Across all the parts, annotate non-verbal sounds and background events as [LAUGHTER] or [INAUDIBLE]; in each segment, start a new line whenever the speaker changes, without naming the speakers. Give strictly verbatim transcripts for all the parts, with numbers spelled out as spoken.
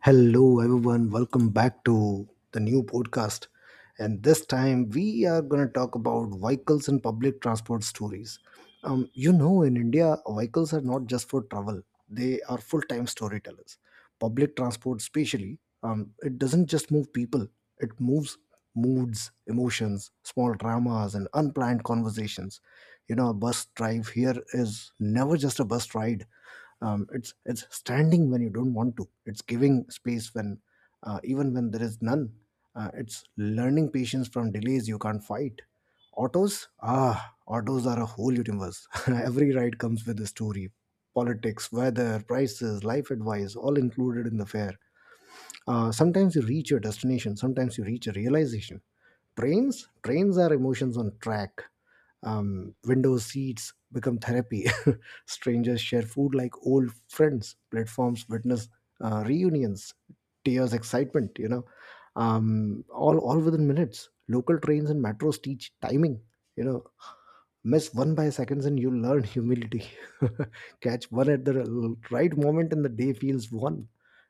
Hello, everyone. Welcome back to the new podcast. And this time, we are going to talk about vehicles and public transport stories. Um, you know, in India, vehicles are not just for travel; they are full-time storytellers. Public transport, especially, um, it doesn't just move people; it moves moods, emotions, small dramas, and unplanned conversations. You know, a bus drive here is never just a bus ride. um, it's it's standing when you don't want to. It's giving space when uh, even when there is none. Uh, it's learning patience from delays you can't fight. Autos ah autos are a whole universe. [LAUGHS] Every ride comes with a story: politics, weather, prices, life advice, all included in the fare. Uh, sometimes you reach your destination, sometimes you reach a realization. Trains, trains are emotions on track. Um, window seats become therapy. [LAUGHS] Strangers share food like old friends. Platforms witness uh, reunions, tears, excitement. You know, um, all all within minutes. Local trains and metros teach timing. You know, Miss one by seconds and you learn humility. [LAUGHS] Catch one at the l- right moment and the day feels one.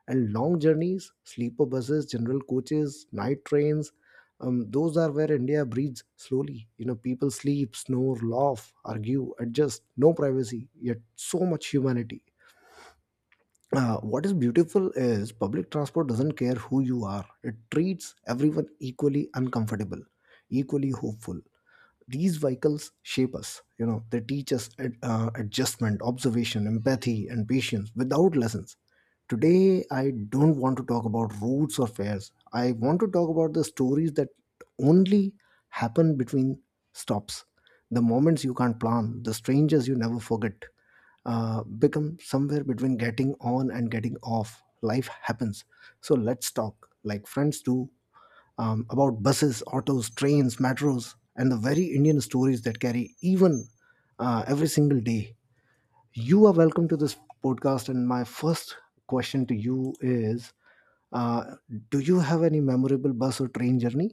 And long journeys: sleeper buses, general coaches, night trains, um, those are where India breathes slowly. You know people sleep, snore, laugh, argue, adjust. No privacy, yet so much humanity. Uh, what is beautiful is public transport doesn't care who you are. It treats everyone equally uncomfortable, equally hopeful. These vehicles shape us. You know they teach us ad- uh, adjustment, observation, empathy, and patience without lessons. Today I don't want to talk about routes or fares. I want to talk about the stories that only happen between stops, the moments you can't plan, the strangers you never forget. Uh, become somewhere between getting on and getting off, life happens. So let's talk like friends do, um, about buses, autos, trains, metros, and the very Indian stories that carry even uh, every single day. You are welcome to this podcast, and my first question to you is, uh, do you have any memorable bus or train journey?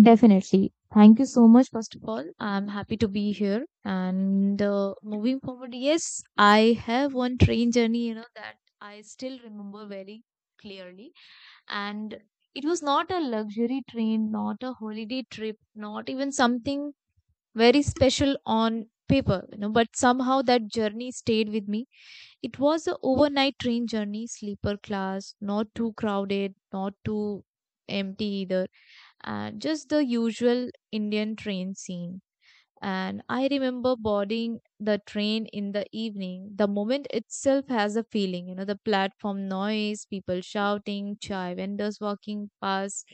Definitely. Thank you so much, first of all. I'm happy to be here. And uh, moving forward, yes, I have one train journey, you know, that I still remember very clearly. And it was not a luxury train, not a holiday trip, not even something very special on paper, you know, but somehow that journey stayed with me. It was a overnight train journey, sleeper class, not too crowded, not too empty either, uh, just the usual Indian train scene. And I remember boarding the train in the evening. The moment itself has a feeling, you know, the platform noise, people shouting, chai vendors walking past,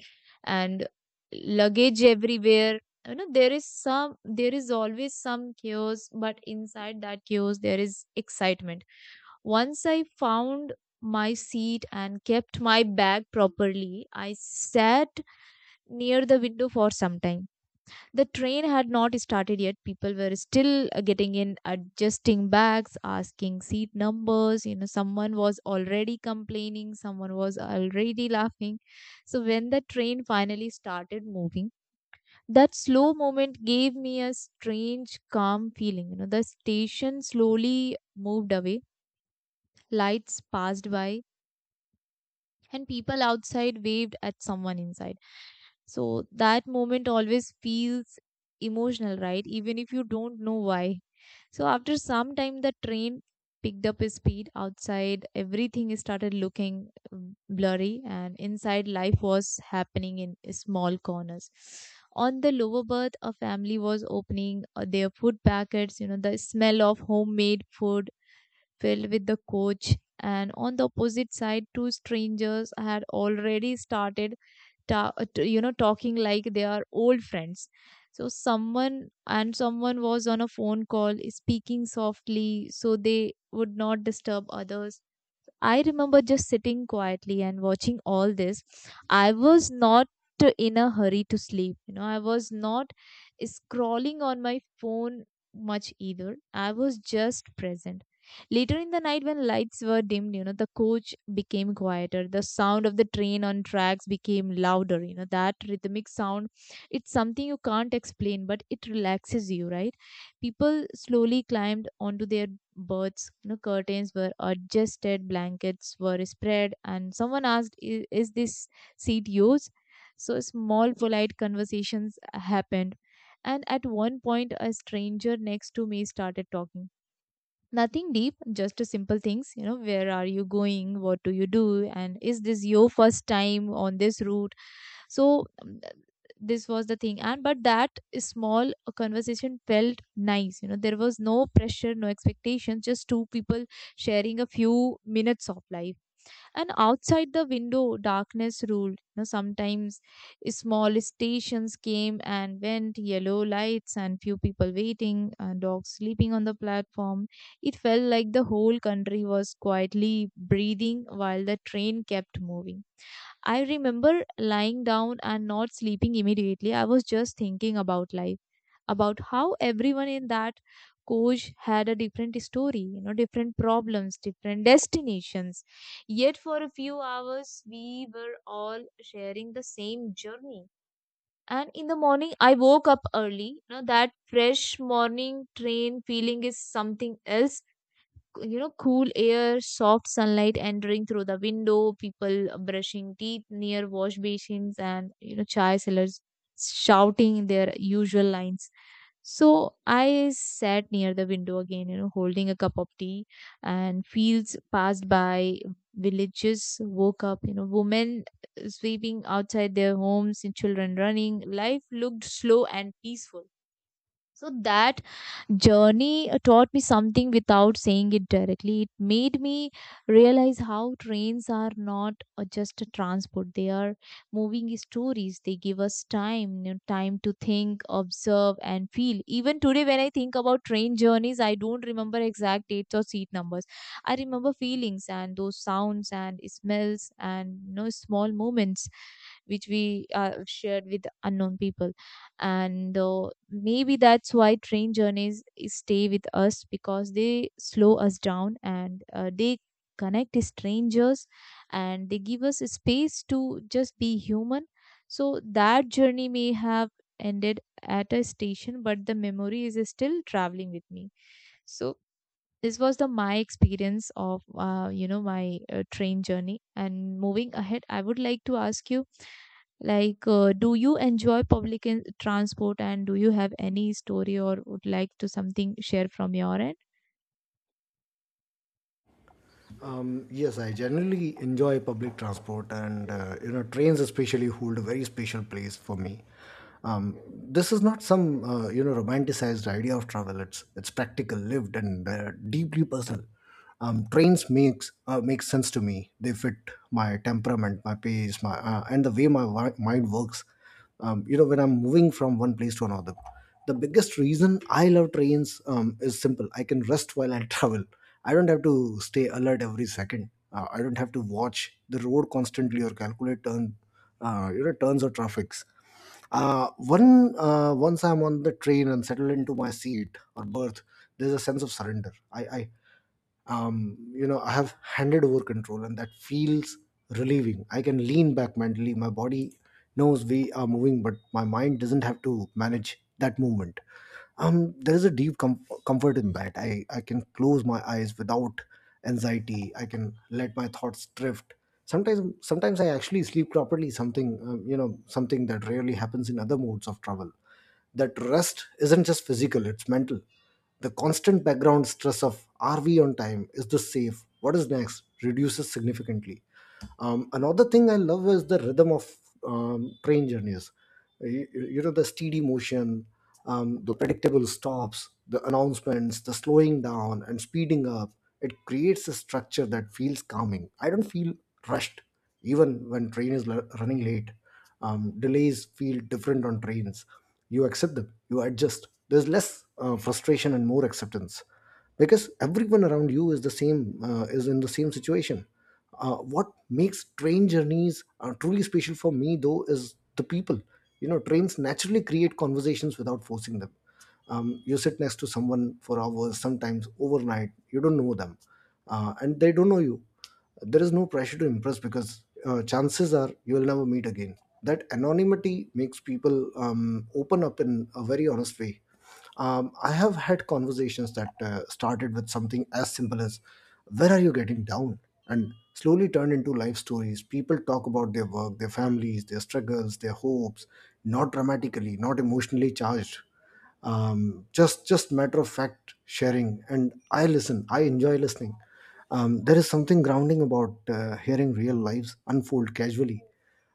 and luggage everywhere. You know, there is some, there is always some chaos, but inside that chaos, there is excitement. Once I found my seat and kept my bag properly, I sat near the window for some time. The train had not started yet. People were still uh, getting in, adjusting bags, asking seat numbers. You know, someone was already complaining, someone was already laughing. So when the train finally started moving, that slow moment gave me a strange, calm feeling. You know, the station slowly moved away, lights passed by, and people outside waved at someone inside. So that moment always feels emotional, right? Even if you don't know why. So after some time, the train picked up its speed outside. Everything started looking um, blurry, and inside, life was happening in small corners. On the lower berth, a family was opening uh, their food packets. You know, the smell of homemade food filled with the coach, and on the opposite side, two strangers had already started, ta- uh, t- you know, talking like they are old friends. So someone and someone was on a phone call, speaking softly, so they would not disturb others. I remember just sitting quietly and watching all this. I was not in a hurry to sleep. You know, I was not scrolling on my phone much either. I was just present. Later in the night, when lights were dimmed, you know, the coach became quieter. The sound of the train on tracks became louder. You know, that rhythmic sound, it's something you can't explain, but it relaxes you, right? People slowly climbed onto their berths. You know, curtains were adjusted, blankets were spread, and someone asked, "I- "Is this seat yours?" So small, polite conversations happened, and at one point, a stranger next to me started talking. Nothing deep, just simple things. You know, where are you going? What do you do? And is this your first time on this route? So, um, this was the thing. And but that small conversation felt nice. You know, there was no pressure, no expectation, just two people sharing a few minutes of life. And outside the window, darkness ruled. You know, sometimes small stations came and went, yellow lights and few people waiting and dogs sleeping on the platform. It felt like the whole country was quietly breathing while the train kept moving. I remember lying down and not sleeping immediately. I was just thinking about life, about how everyone in that coach had a different story, you know, different problems, different destinations. Yet for a few hours, we were all sharing the same journey. And in the morning, I woke up early. You know, that fresh morning train feeling is something else. You know, cool air, soft sunlight entering through the window, people brushing teeth near wash basins, and you know, chai sellers shouting their usual lines. So I sat near the window again, you know, holding a cup of tea, and fields passed by, villages woke up. You know, women sweeping outside their homes and children running. Life looked slow and peaceful. So that journey taught me something without saying it directly. It made me realize how trains are not uh, just a transport, they are moving stories. They give us time, you know, time to think, observe, and feel. Even today, when I think about train journeys, I don't remember exact dates or seat numbers. I remember feelings and those sounds and smells, and you know, small moments which we uh, shared with unknown people. And uh, maybe that's why train journeys stay with us, because they slow us down, and uh, they connect strangers, and they give us space to just be human. So that journey may have ended at a station, but the memory is still traveling with me. So this was the my experience of uh, you know my uh, train journey. And moving ahead, I would like to ask you, like, uh, do you enjoy public in- transport, and do you have any story or would like to something share from your end?
Um, yes, I generally enjoy public transport, and uh, you know, trains especially hold a very special place for me. Um, this is not some uh, you know romanticized idea of travel. It's it's practical, lived, and uh, deeply personal. Um, trains makes uh, makes sense to me. They fit my temperament, my pace, my uh, and the way my wi- mind works. Um, you know when I'm moving from one place to another. The biggest reason I love trains um, is simple. I can rest while I [LAUGHS] travel. I don't have to stay alert every second. Uh, I don't have to watch the road constantly or calculate turn, uh, you know, turns or traffics. Uh, one uh, Once I'm on the train and settled into my seat or berth, there's a sense of surrender. I, I um, you know, I have handed over control, and that feels relieving. I can lean back mentally. My body knows we are moving, but my mind doesn't have to manage that movement. Um there is a deep com- comfort in that. I i can close my eyes without anxiety. I can let my thoughts drift. Sometimes sometimes I actually sleep properly, something um, you know something that rarely happens in other modes of travel. That rest isn't just physical, it's mental. The constant background stress of "are we on time, is this safe, what is next" reduces significantly. Um, another thing I love is the rhythm of um, train journeys. You, you know the steady motion, um, the predictable stops, the announcements, the slowing down and speeding up. It creates a structure that feels calming. I don't feel rushed even when train is l- running late. Um, delays feel different on trains. You accept them, you adjust. There's less uh, frustration and more acceptance, because everyone around you is the same uh, is in the same situation. Uh, what makes train journeys uh, truly special for me, though, is the people. You know trains naturally create conversations without forcing them. Um, you sit next to someone for hours, sometimes overnight. You don't know them, uh, and they don't know you. There is no pressure to impress, because uh, chances are you will never meet again. That anonymity makes people um, open up in a very honest way. um, I have had conversations that uh, started with something as simple as, "Where are you getting down?" and slowly turned into life stories. People talk about their work, their families, their struggles, their hopes, not dramatically, not emotionally charged. Um, just just matter of fact sharing, and I listen. I enjoy listening. Um, there is something grounding about uh, hearing real lives unfold casually.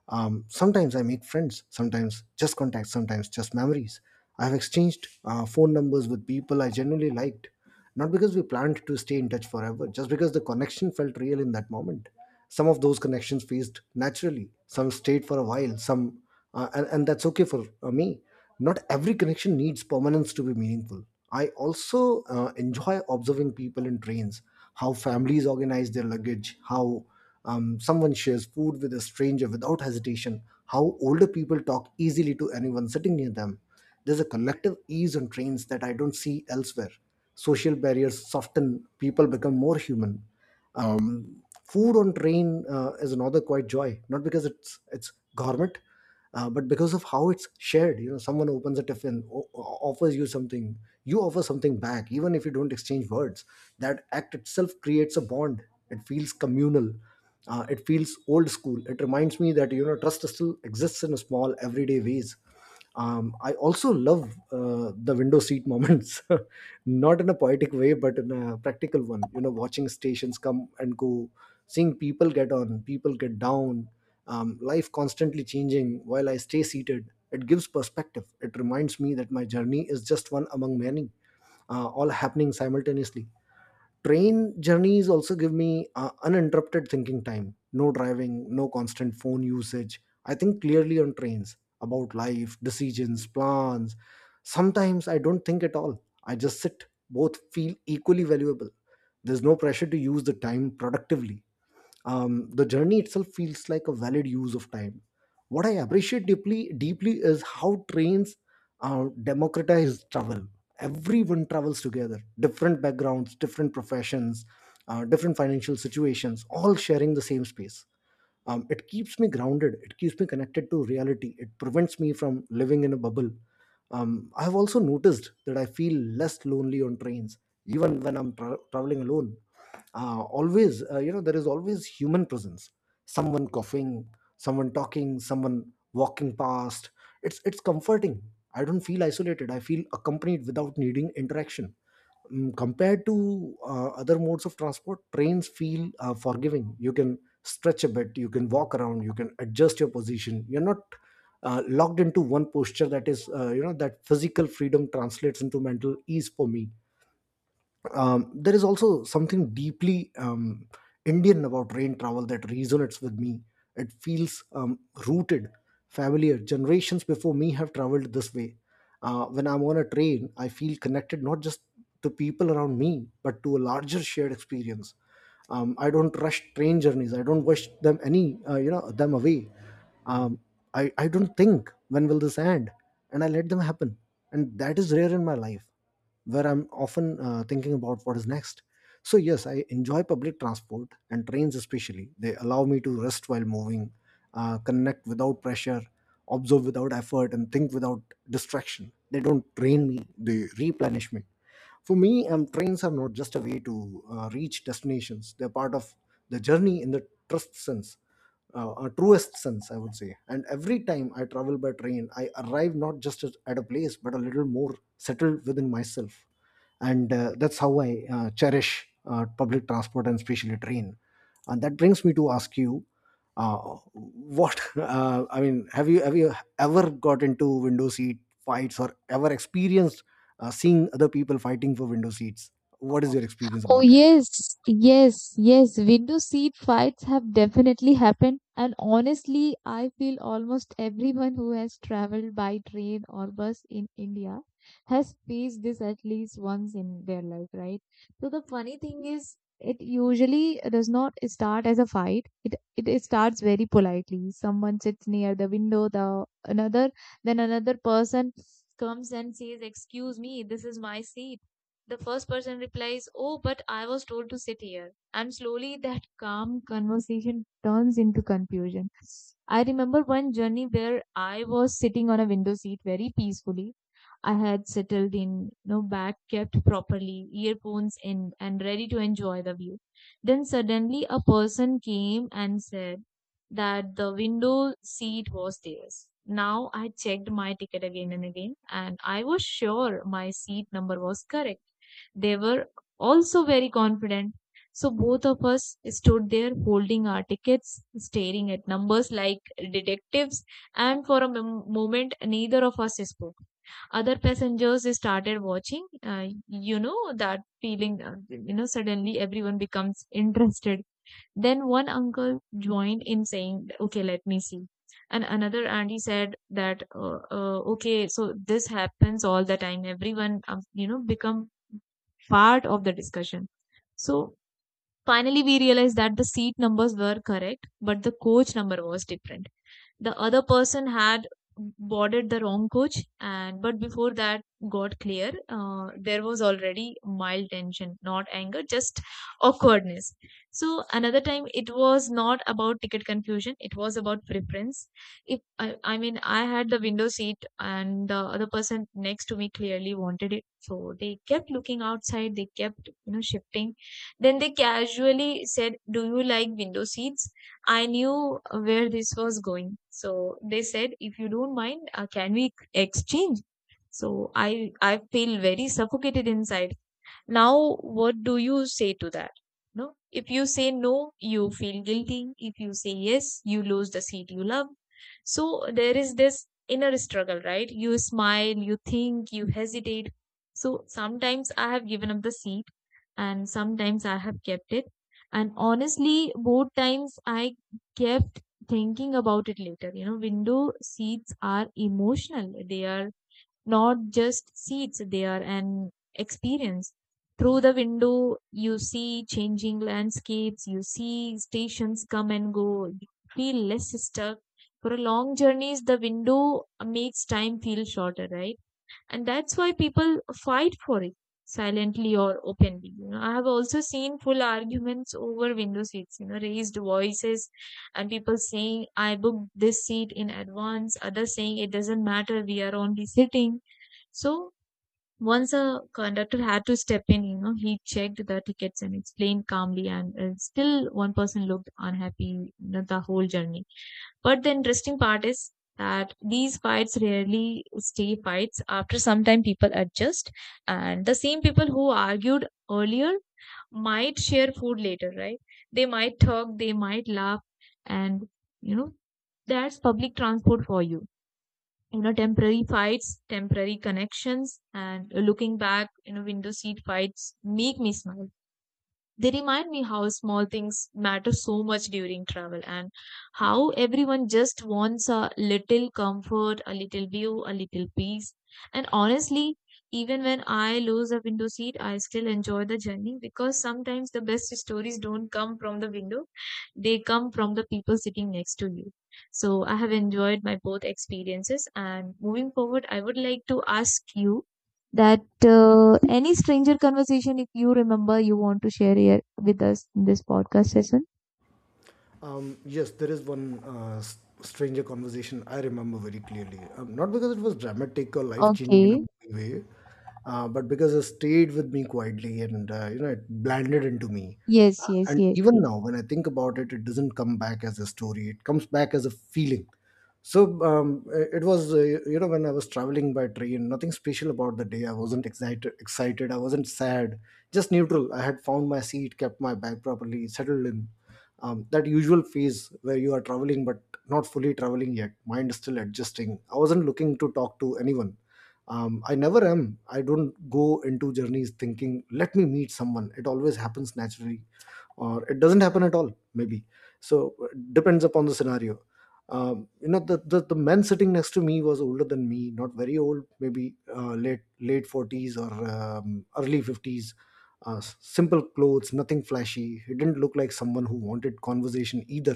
um, Sometimes I make friends, sometimes just contacts, sometimes just memories. I have exchanged uh, phone numbers with people I genuinely liked, not because we planned to stay in touch forever, just because the connection felt real in that moment. Some of those connections phased naturally, some stayed for a while, some, uh, and, and that's okay for uh, me. Not every connection needs permanence to be meaningful. I also uh, enjoy observing people in trains, how families organize their luggage, how um, someone shares food with a stranger without hesitation, how older people talk easily to anyone sitting near them. There's a collective ease on trains that I don't see elsewhere. Social barriers soften, people become more human. Um, food on train uh, is another quite joy, not because it's it's gourmet, uh, but because of how it's shared. You know someone opens a tiffin, o- o- offers you something, you offer something back even if you don't exchange words. That act itself creates a bond. It feels communal. Uh, it feels old school. It reminds me that, you know trust still exists in a small, everyday ways. um, I also love uh, the window seat moments. [LAUGHS] Not in a poetic way, but in a practical one. You know watching stations come and go, seeing people get on, people get down, um, life constantly changing while I stay seated. It gives perspective. It reminds me that my journey is just one among many, uh, all happening simultaneously. Train journeys also give me uh, uninterrupted thinking time, no driving, no constant phone usage. I think clearly on trains, about life, decisions, plans. Sometimes I don't think at all. I just sit. Both feel equally valuable. There's no pressure to use the time productively. Um, the journey itself feels like a valid use of time. What I appreciate deeply, deeply is how trains uh, democratize travel. Everyone travels together: different backgrounds, different professions, uh, different financial situations, all sharing the same space. Um, it keeps me grounded, it keeps me connected to reality, it prevents me from living in a bubble. um, I've also noticed that I feel less lonely on trains, even when I'm tra- traveling alone. Uh, always uh, you know There is always human presence. Someone coughing, someone talking, someone walking past. It's it's comforting. I don't feel isolated. I feel accompanied without needing interaction. Mm, compared to uh, other modes of transport, trains feel uh, forgiving. You can stretch a bit, you can walk around, you can adjust your position, you're not uh, locked into one posture. That is uh, you know that physical freedom translates into mental ease for me. Um, there is also something deeply um, Indian about rain travel that resonates with me. It feels um, rooted, familiar. Generations before me have traveled this way. Uh, when I'm on a train, I feel connected not just to people around me, but to a larger shared experience. Um, I don't rush train journeys. I don't wish them any, uh, you know, them away. Um, I, I don't think when will this end, and I let them happen. And that is rare in my life, where I'm often uh, thinking about what is next. So, yes, I enjoy public transport and trains, especially. They allow me to rest while moving, uh, connect without pressure, observe without effort, and think without distraction. They don't drain me, they replenish me. For me, um, trains are not just a way to uh, reach destinations, they're part of the journey in the trust sense uh, uh, truest sense, I would say. And every time I travel by train, I arrive not just at at a place, but a little more settled within myself. And uh, that's how I uh, cherish uh, public transport, and especially train. And that brings me to ask you, uh, what [LAUGHS] uh, I mean, have you have you ever got into window seat fights, or ever experienced uh, seeing other people fighting for window seats? What is your experience
Oh,
about that?
yes, yes, yes. Window seat fights have definitely happened. And honestly, I feel almost everyone who has traveled by train or bus in India has faced this at least once in their life, right? So the funny thing is, it usually does not start as a fight. It it starts very politely. Someone sits near the window, the another, then another person comes and says, "Excuse me, this is my seat." The first person replies, "Oh, but I was told to sit here." And slowly that calm conversation turns into confusion. I remember one journey where I was sitting on a window seat very peacefully. I had settled in, no back kept properly, earphones in, and ready to enjoy the view. Then suddenly a person came and said that the window seat was theirs. Now I checked my ticket again and again, and I was sure my seat number was correct. They were also very confident. So both of us stood there holding our tickets, staring at numbers like detectives, and for a mom- moment, neither of us spoke. Other passengers started watching. Uh, you know that feeling, uh, you know, suddenly everyone becomes interested. Then one uncle joined in saying, "Okay, let me see." And another auntie said that, uh, uh, okay, so this happens all the time. Everyone, um, you know, become part of the discussion. So finally, we realized that the seat numbers were correct, but the coach number was different. The other person had boarded the wrong coach, and but before that got clear, uh, there was already mild tension, not anger, just awkwardness. So another time it was not about ticket confusion, it was about preference. If I, I mean, I had the window seat and the other person next to me clearly wanted it, so they kept looking outside, they kept, you know, shifting. Then they casually said, "Do you like window seats?" I knew where this was going. So they said, "If you don't mind, uh, can we exchange?" So I I feel very suffocated inside. Now, what do you say to that? No, if you say no, you feel guilty. If you say yes, you lose the seat you love. So there is this inner struggle, right? You smile, you think, you hesitate. So sometimes I have given up the seat, and sometimes I have kept it. And honestly, both times I kept thinking about it later. You know, window seats are emotional. They are not just seats, they are an experience. Through the window, you see changing landscapes, you see stations come and go, you feel less stuck. For a long journeys, the window makes time feel shorter, right? And that's why people fight for it, silently or openly. You know, I have also seen full arguments over window seats, you know, raised voices, and people saying, "I booked this seat in advance," others saying, "It doesn't matter, we are only sitting." So once a conductor had to step in. You know, he checked the tickets and explained calmly, and uh, still one person looked unhappy, you know, the whole journey. But the interesting part is that these fights rarely stay fights. After some time, people adjust, and the same people who argued earlier might share food later, right? They might talk, they might laugh, and you know, that's public transport for you. You know, temporary fights, temporary connections. And looking back, you know, window seat fights make me smile. They remind me how small things matter so much during travel, and how everyone just wants a little comfort, a little view, a little peace. And honestly, even when I lose a window seat, I still enjoy the journey, because sometimes the best stories don't come from the window, they come from the people sitting next to you. So I have enjoyed my both experiences. And moving forward, I would like to ask you that uh, any stranger conversation, if you remember, you want to share here with us in this podcast session?
Um, yes, there is one uh, s- stranger conversation I remember very clearly. Um, not because it was dramatic or life changing in a
Okay.
big way, uh, but because it stayed with me quietly and uh, you know it blended into me. Uh,
Yes, yes,
and
yes,
even
yes.
now, when I think about it, it doesn't come back as a story. It comes back as a feeling. So um, it it was, uh, you know, when I was traveling by train, nothing special about the day. I wasn't excited, excited. I wasn't sad, just neutral. I had found my seat, kept my bag properly, settled in, um, that usual phase where you are traveling but not fully traveling yet, mind is still adjusting. I wasn't looking to talk to anyone. um, I never am. I don't go into journeys thinking let me meet someone. It always happens naturally or it doesn't happen at all maybe. So it depends upon the scenario. um, you know the, the the man sitting next to me was older than me, not very old, maybe uh, late late forties or um, early fifties. Uh, s- simple clothes, nothing flashy. He didn't look like someone who wanted conversation either.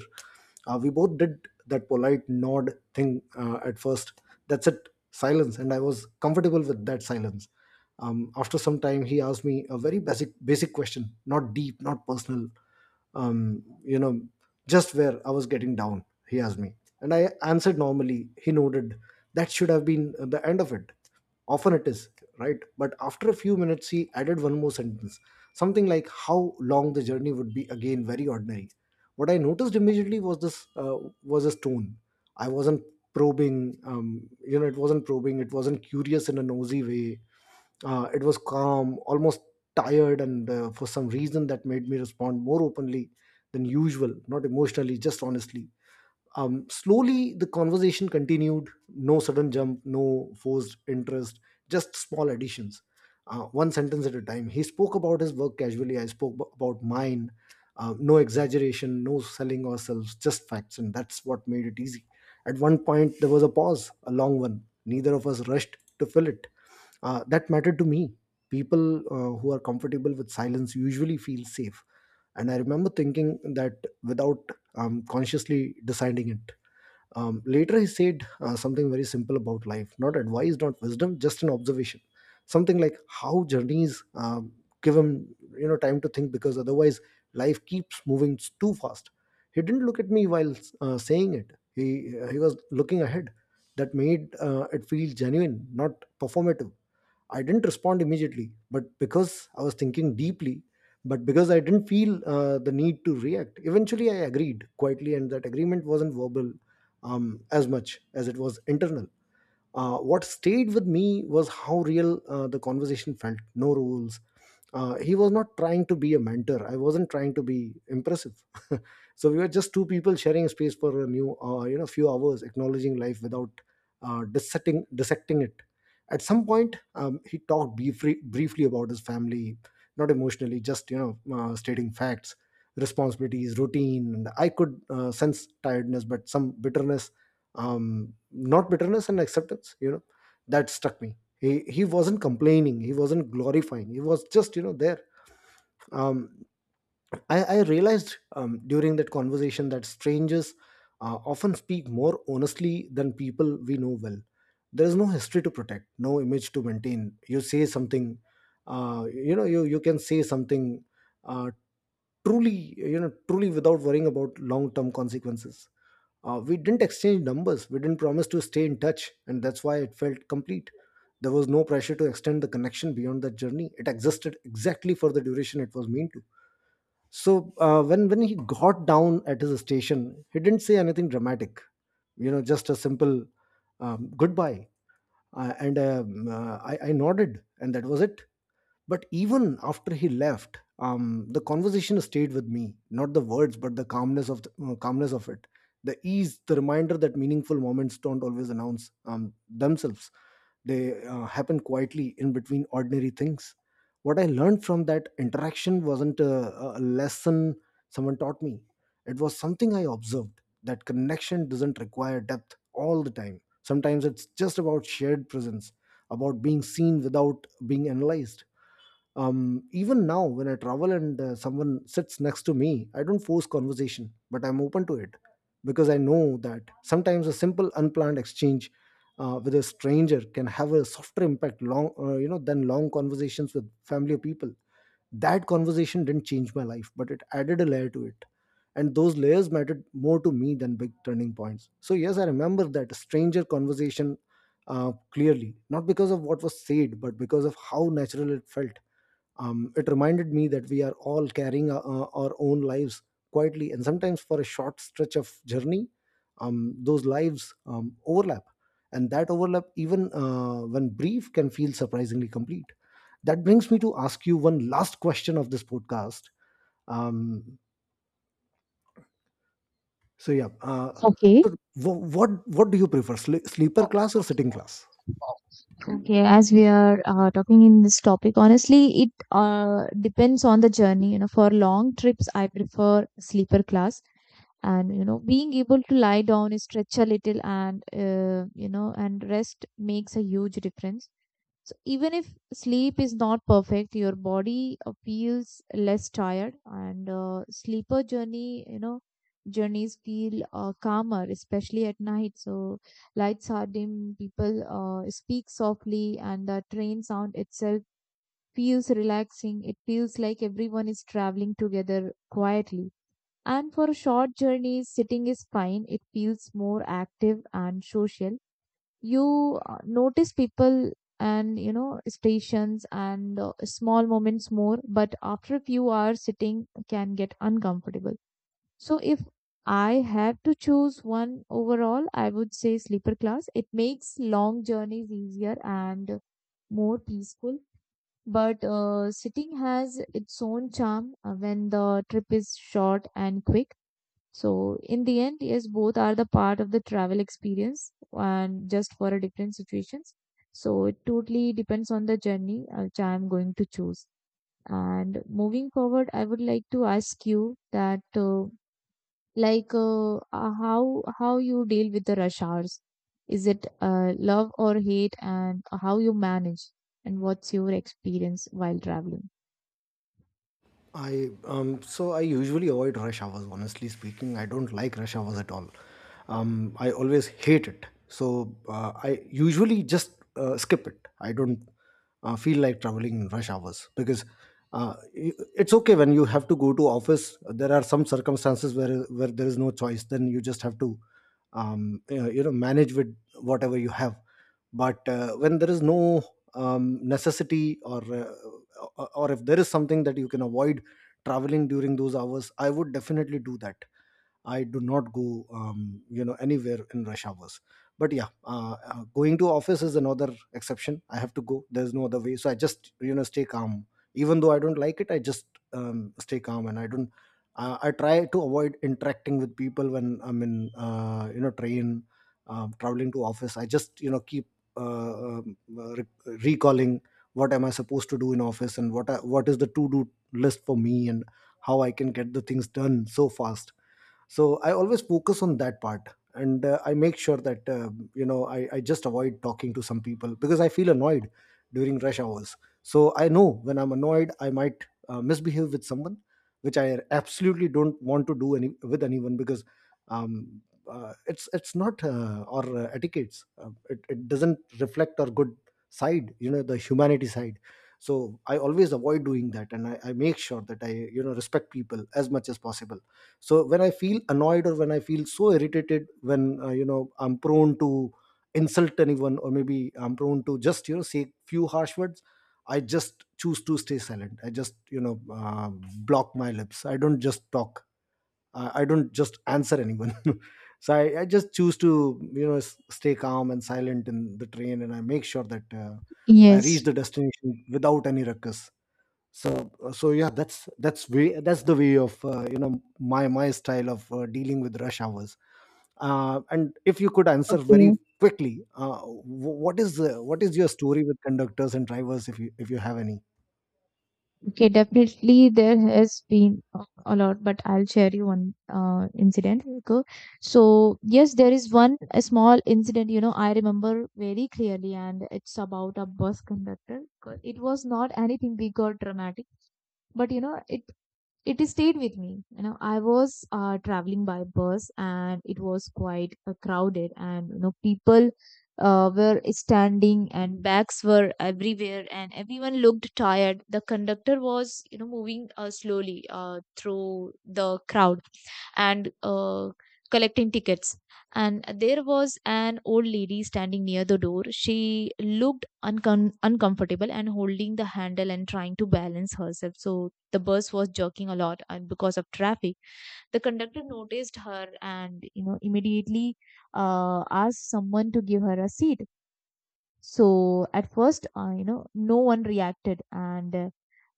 uh, We both did that polite nod thing uh, at first. That's it. Silence, and I was comfortable with that silence. Um, after some time, he asked me a very basic basic question, not deep, not personal. um, you know, just where I was getting down, he asked me. And I answered normally. He nodded. That should have been the end of it. Often it is, right? But after a few minutes, he added one more sentence, something like how long the journey would be, again very ordinary. What I noticed immediately was this uh, was his tone. I wasn't probing, um, you know, it wasn't probing, it wasn't curious in a nosy way. Uh, it was calm, almost tired, and uh, for some reason that made me respond more openly than usual, not emotionally, just honestly. Um, slowly the conversation continued, no sudden jump, no forced interest, just small additions, uh, one sentence at a time. He spoke about his work casually. I spoke ab- about mine. Uh, no exaggeration, no selling ourselves, just facts, and that's what made it easy. At one point there was a pause, a long one. Neither of us rushed to fill it. Uh, that mattered to me. People uh, who are comfortable with silence usually feel safe, and I remember thinking that without I'm consciously deciding it. Um, later, he said uh, something very simple about life, not advice, not wisdom, just an observation. Something like how journeys um, give him, you know, time to think, because otherwise life keeps moving too fast. He didn't look at me while uh, saying it. He, uh, he was looking ahead. That made uh, it feel genuine, not performative. I didn't respond immediately, but because I was thinking deeply, but because I didn't feel uh, the need to react. Eventually I agreed quietly, and that agreement wasn't verbal um, as much as it was internal. Uh, what stayed with me was how real uh, the conversation felt. No rules. Uh, he was not trying to be a mentor. I wasn't trying to be impressive. [LAUGHS] So we were just two people sharing space for a new, uh, you know, few hours, acknowledging life without uh, dissecting dissecting it. At some point, um, he talked briefly, briefly about his family, not emotionally, just you know, uh, stating facts, responsibilities, routine. And I could uh, sense tiredness, but some bitterness, um not bitterness and acceptance, you know that struck me. He he wasn't complaining, he wasn't glorifying, he was just, you know there. Um i i realized um during that conversation that strangers uh, often speak more honestly than people we know well. There is no history to protect, no image to maintain. You say something, uh you know you you can say something uh truly, you know truly, without worrying about long term consequences. Uh, we didn't exchange numbers, we didn't promise to stay in touch, and that's why it felt complete. There was no pressure to extend the connection beyond that journey. It existed exactly for the duration it was meant to. So uh, when when he got down at his station, he didn't say anything dramatic. You know, just a simple um, goodbye, uh, and um, uh, I, I nodded, and that was it. But even after he left, um, the conversation stayed with me. Not the words, but the calmness of the, uh, calmness of it, the ease, the reminder that meaningful moments don't always announce um, themselves. They uh, happen quietly in between ordinary things. What I learned from that interaction wasn't a, a lesson someone taught me. It was something I observed. That connection doesn't require depth all the time. Sometimes it's just about shared presence, about being seen without being analyzed. Um even now, when I travel and uh, someone sits next to me, I don't force conversation but I'm open to it, because I know that sometimes a simple unplanned exchange uh, with a stranger can have a softer impact long uh, you know than long conversations with family or people. That conversation didn't change my life but it added a layer to it, and those layers mattered more to me than big turning points. So yes, I remember that stranger conversation uh, clearly, not because of what was said but because of how natural it felt. Um, it reminded me that we are all carrying uh, uh, our own lives quietly, and sometimes for a short stretch of journey, um, those lives um, overlap. And that overlap, even uh, when brief, can feel surprisingly complete. That brings me to ask you one last question of this podcast. Um, so yeah, uh, so
Okay.
wh- what what do you prefer, sle- sleeper class or sitting class?
Okay, as we are uh, talking in this topic, honestly, it uh, depends on the journey. You know, for long trips, I prefer sleeper class, and you know, being able to lie down, stretch a little, and uh, you know, and rest makes a huge difference. So even if sleep is not perfect, your body uh, feels less tired, and uh, sleeper journey, you know, journeys feel uh, calmer, especially at night. So lights are dim, people uh, speak softly, and the train sound itself feels relaxing. It feels like everyone is traveling together quietly. And for short journeys, sitting is fine. It feels more active and social. You uh, notice people and you know stations and uh, small moments more, but after a few hours sitting can get uncomfortable. So if I had to choose one overall, I would say sleeper class. It makes long journeys easier and more peaceful. But uh, sitting has its own charm uh, when the trip is short and quick. So in the end, yes, both are the part of the travel experience and just for a different situations. So it totally depends on the journey uh, which I am going to choose. And moving forward, I would like to ask you that uh, like uh, uh, how how you deal with the rush hours. Is it uh, love or hate, and how you manage, and what's your experience while traveling?
I um so I usually avoid rush hours. Honestly speaking, I don't like rush hours at all. Um, I always hate it. So uh, I usually just uh, skip it. I don't uh, feel like traveling in rush hours because uh, i- it's okay when you have to go to office. There are some circumstances where where there is no choice. Then you just have to um, you know you know, manage with whatever you have. But uh, when there is no um, necessity or uh, or or if there is something that you can avoid traveling during those hours, I would definitely do that. I do not go, um, you know, anywhere in rush hours. But yeah, uh, uh, going to office is another exception. I have to go. There's no other way. So I just, you know, stay calm. Even though I don't like it, I just um, stay calm and I don't. Uh, I try to avoid interacting with people when I'm in, uh, you know, train, um, traveling to office. I just, you know, keep uh, um, uh, re- recalling what am I supposed to do in office, and what I, what is the to do list for me, and how I can get the things done so fast. So I always focus on that part, and uh, I make sure that uh, you know I, I just avoid talking to some people because I feel annoyed during rush hours. So I know when I'm annoyed I might uh, misbehave with someone, which I absolutely don't want to do any with anyone, because um, uh, it's it's not uh, or uh, etiquettes. Uh, it, it doesn't reflect our good side, you know, the humanity side. So I always avoid doing that, and I, I make sure that I, you know, respect people as much as possible. So when I feel annoyed or when I feel so irritated, when uh, you know I'm prone to insult anyone, or maybe I'm prone to just, you know, say few harsh words, I just choose to stay silent. I just, you know, uh, block my lips. I don't just talk. I, I don't just answer anyone. [LAUGHS] So I, I just choose to, you know, s- stay calm and silent in the train, and I make sure that uh, I reach
Yes.
the destination without any ruckus. So uh, so yeah, that's that's way that's the way of uh, you know my my style of uh, dealing with rush hours. Uh, and if you could answer very
Okay.
quickly, uh, wh- what is, uh, what is your story with conductors and drivers, if you if you have any?
Okay, definitely there has been a a lot, but I'll share you one uh, incident. Okay. So, yes, there is one a small incident, you know, I remember very clearly, and it's about a bus conductor. 'Cause it was not anything big or dramatic, but you know, it it stayed with me. You know, I was uh, traveling by bus, and it was quite uh, crowded, and you know people uh, were standing and bags were everywhere and everyone looked tired. The conductor was, you know, moving uh, slowly uh, through the crowd and uh, collecting tickets. And there was an old lady standing near the door. She looked uncom- uncomfortable and holding the handle and trying to balance herself. So the bus was jerking a lot and because of traffic. The conductor noticed her and you know immediately uh, asked someone to give her a seat. So at first, uh, you know, no one reacted, and uh,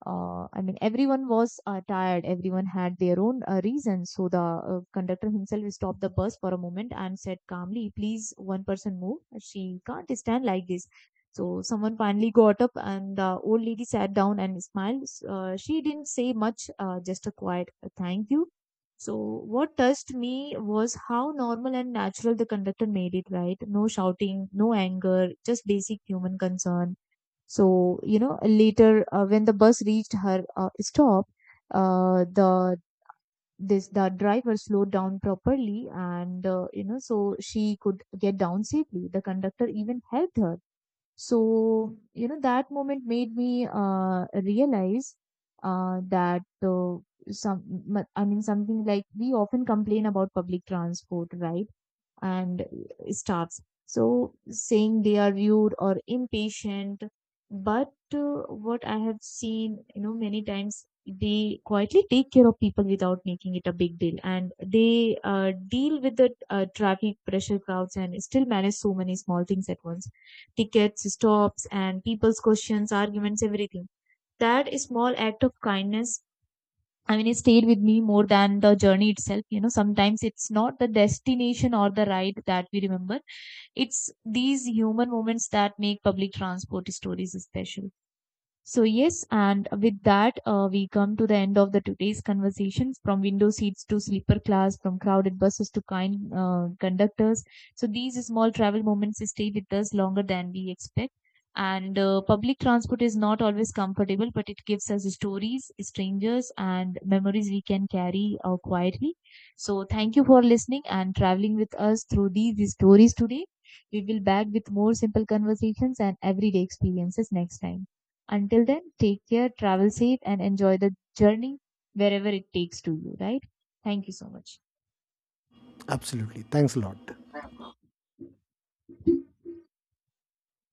uh, I mean, everyone was uh, tired. Everyone had their own uh, reasons. So the uh, conductor himself stopped the bus for a moment and said calmly, "Please, one person move. She can't stand like this." So someone finally got up, and the old lady sat down and smiled. Uh, she didn't say much, uh, just a quiet uh, "Thank you." So what touched me was how normal and natural the conductor made it. Right? No shouting, no anger, just basic human concern. So, you know, later uh, when the bus reached her uh, stop, uh, the this the driver slowed down properly, and uh, you know, so she could get down safely. The conductor even helped her. So, you know, that moment made me uh, realize uh, that uh, some, I mean, something like we often complain about public transport, right? And staffs. So saying they are rude or impatient, but uh, what I have seen, you know, many times they quietly take care of people without making it a big deal, and they uh, deal with the uh, traffic pressure crowds and still manage so many small things at once, tickets, stops, and people's questions, arguments, everything. That small act of kindness, I mean, it stayed with me more than the journey itself. You know, sometimes it's not the destination or the ride that we remember. It's these human moments that make public transport stories special. So yes, and with that, uh, we come to the end of the today's conversations, from window seats to sleeper class, from crowded buses to kind uh, conductors. So these small travel moments stay with us longer than we expect. And uh, public transport is not always comfortable, but it gives us stories, strangers, and memories we can carry uh, quietly. So thank you for listening and traveling with us through these stories today. We will back with more simple conversations and everyday experiences next time. Until then, take care, travel safe, and enjoy the journey wherever it takes to you, right? Thank you so much.
Absolutely, thanks a lot.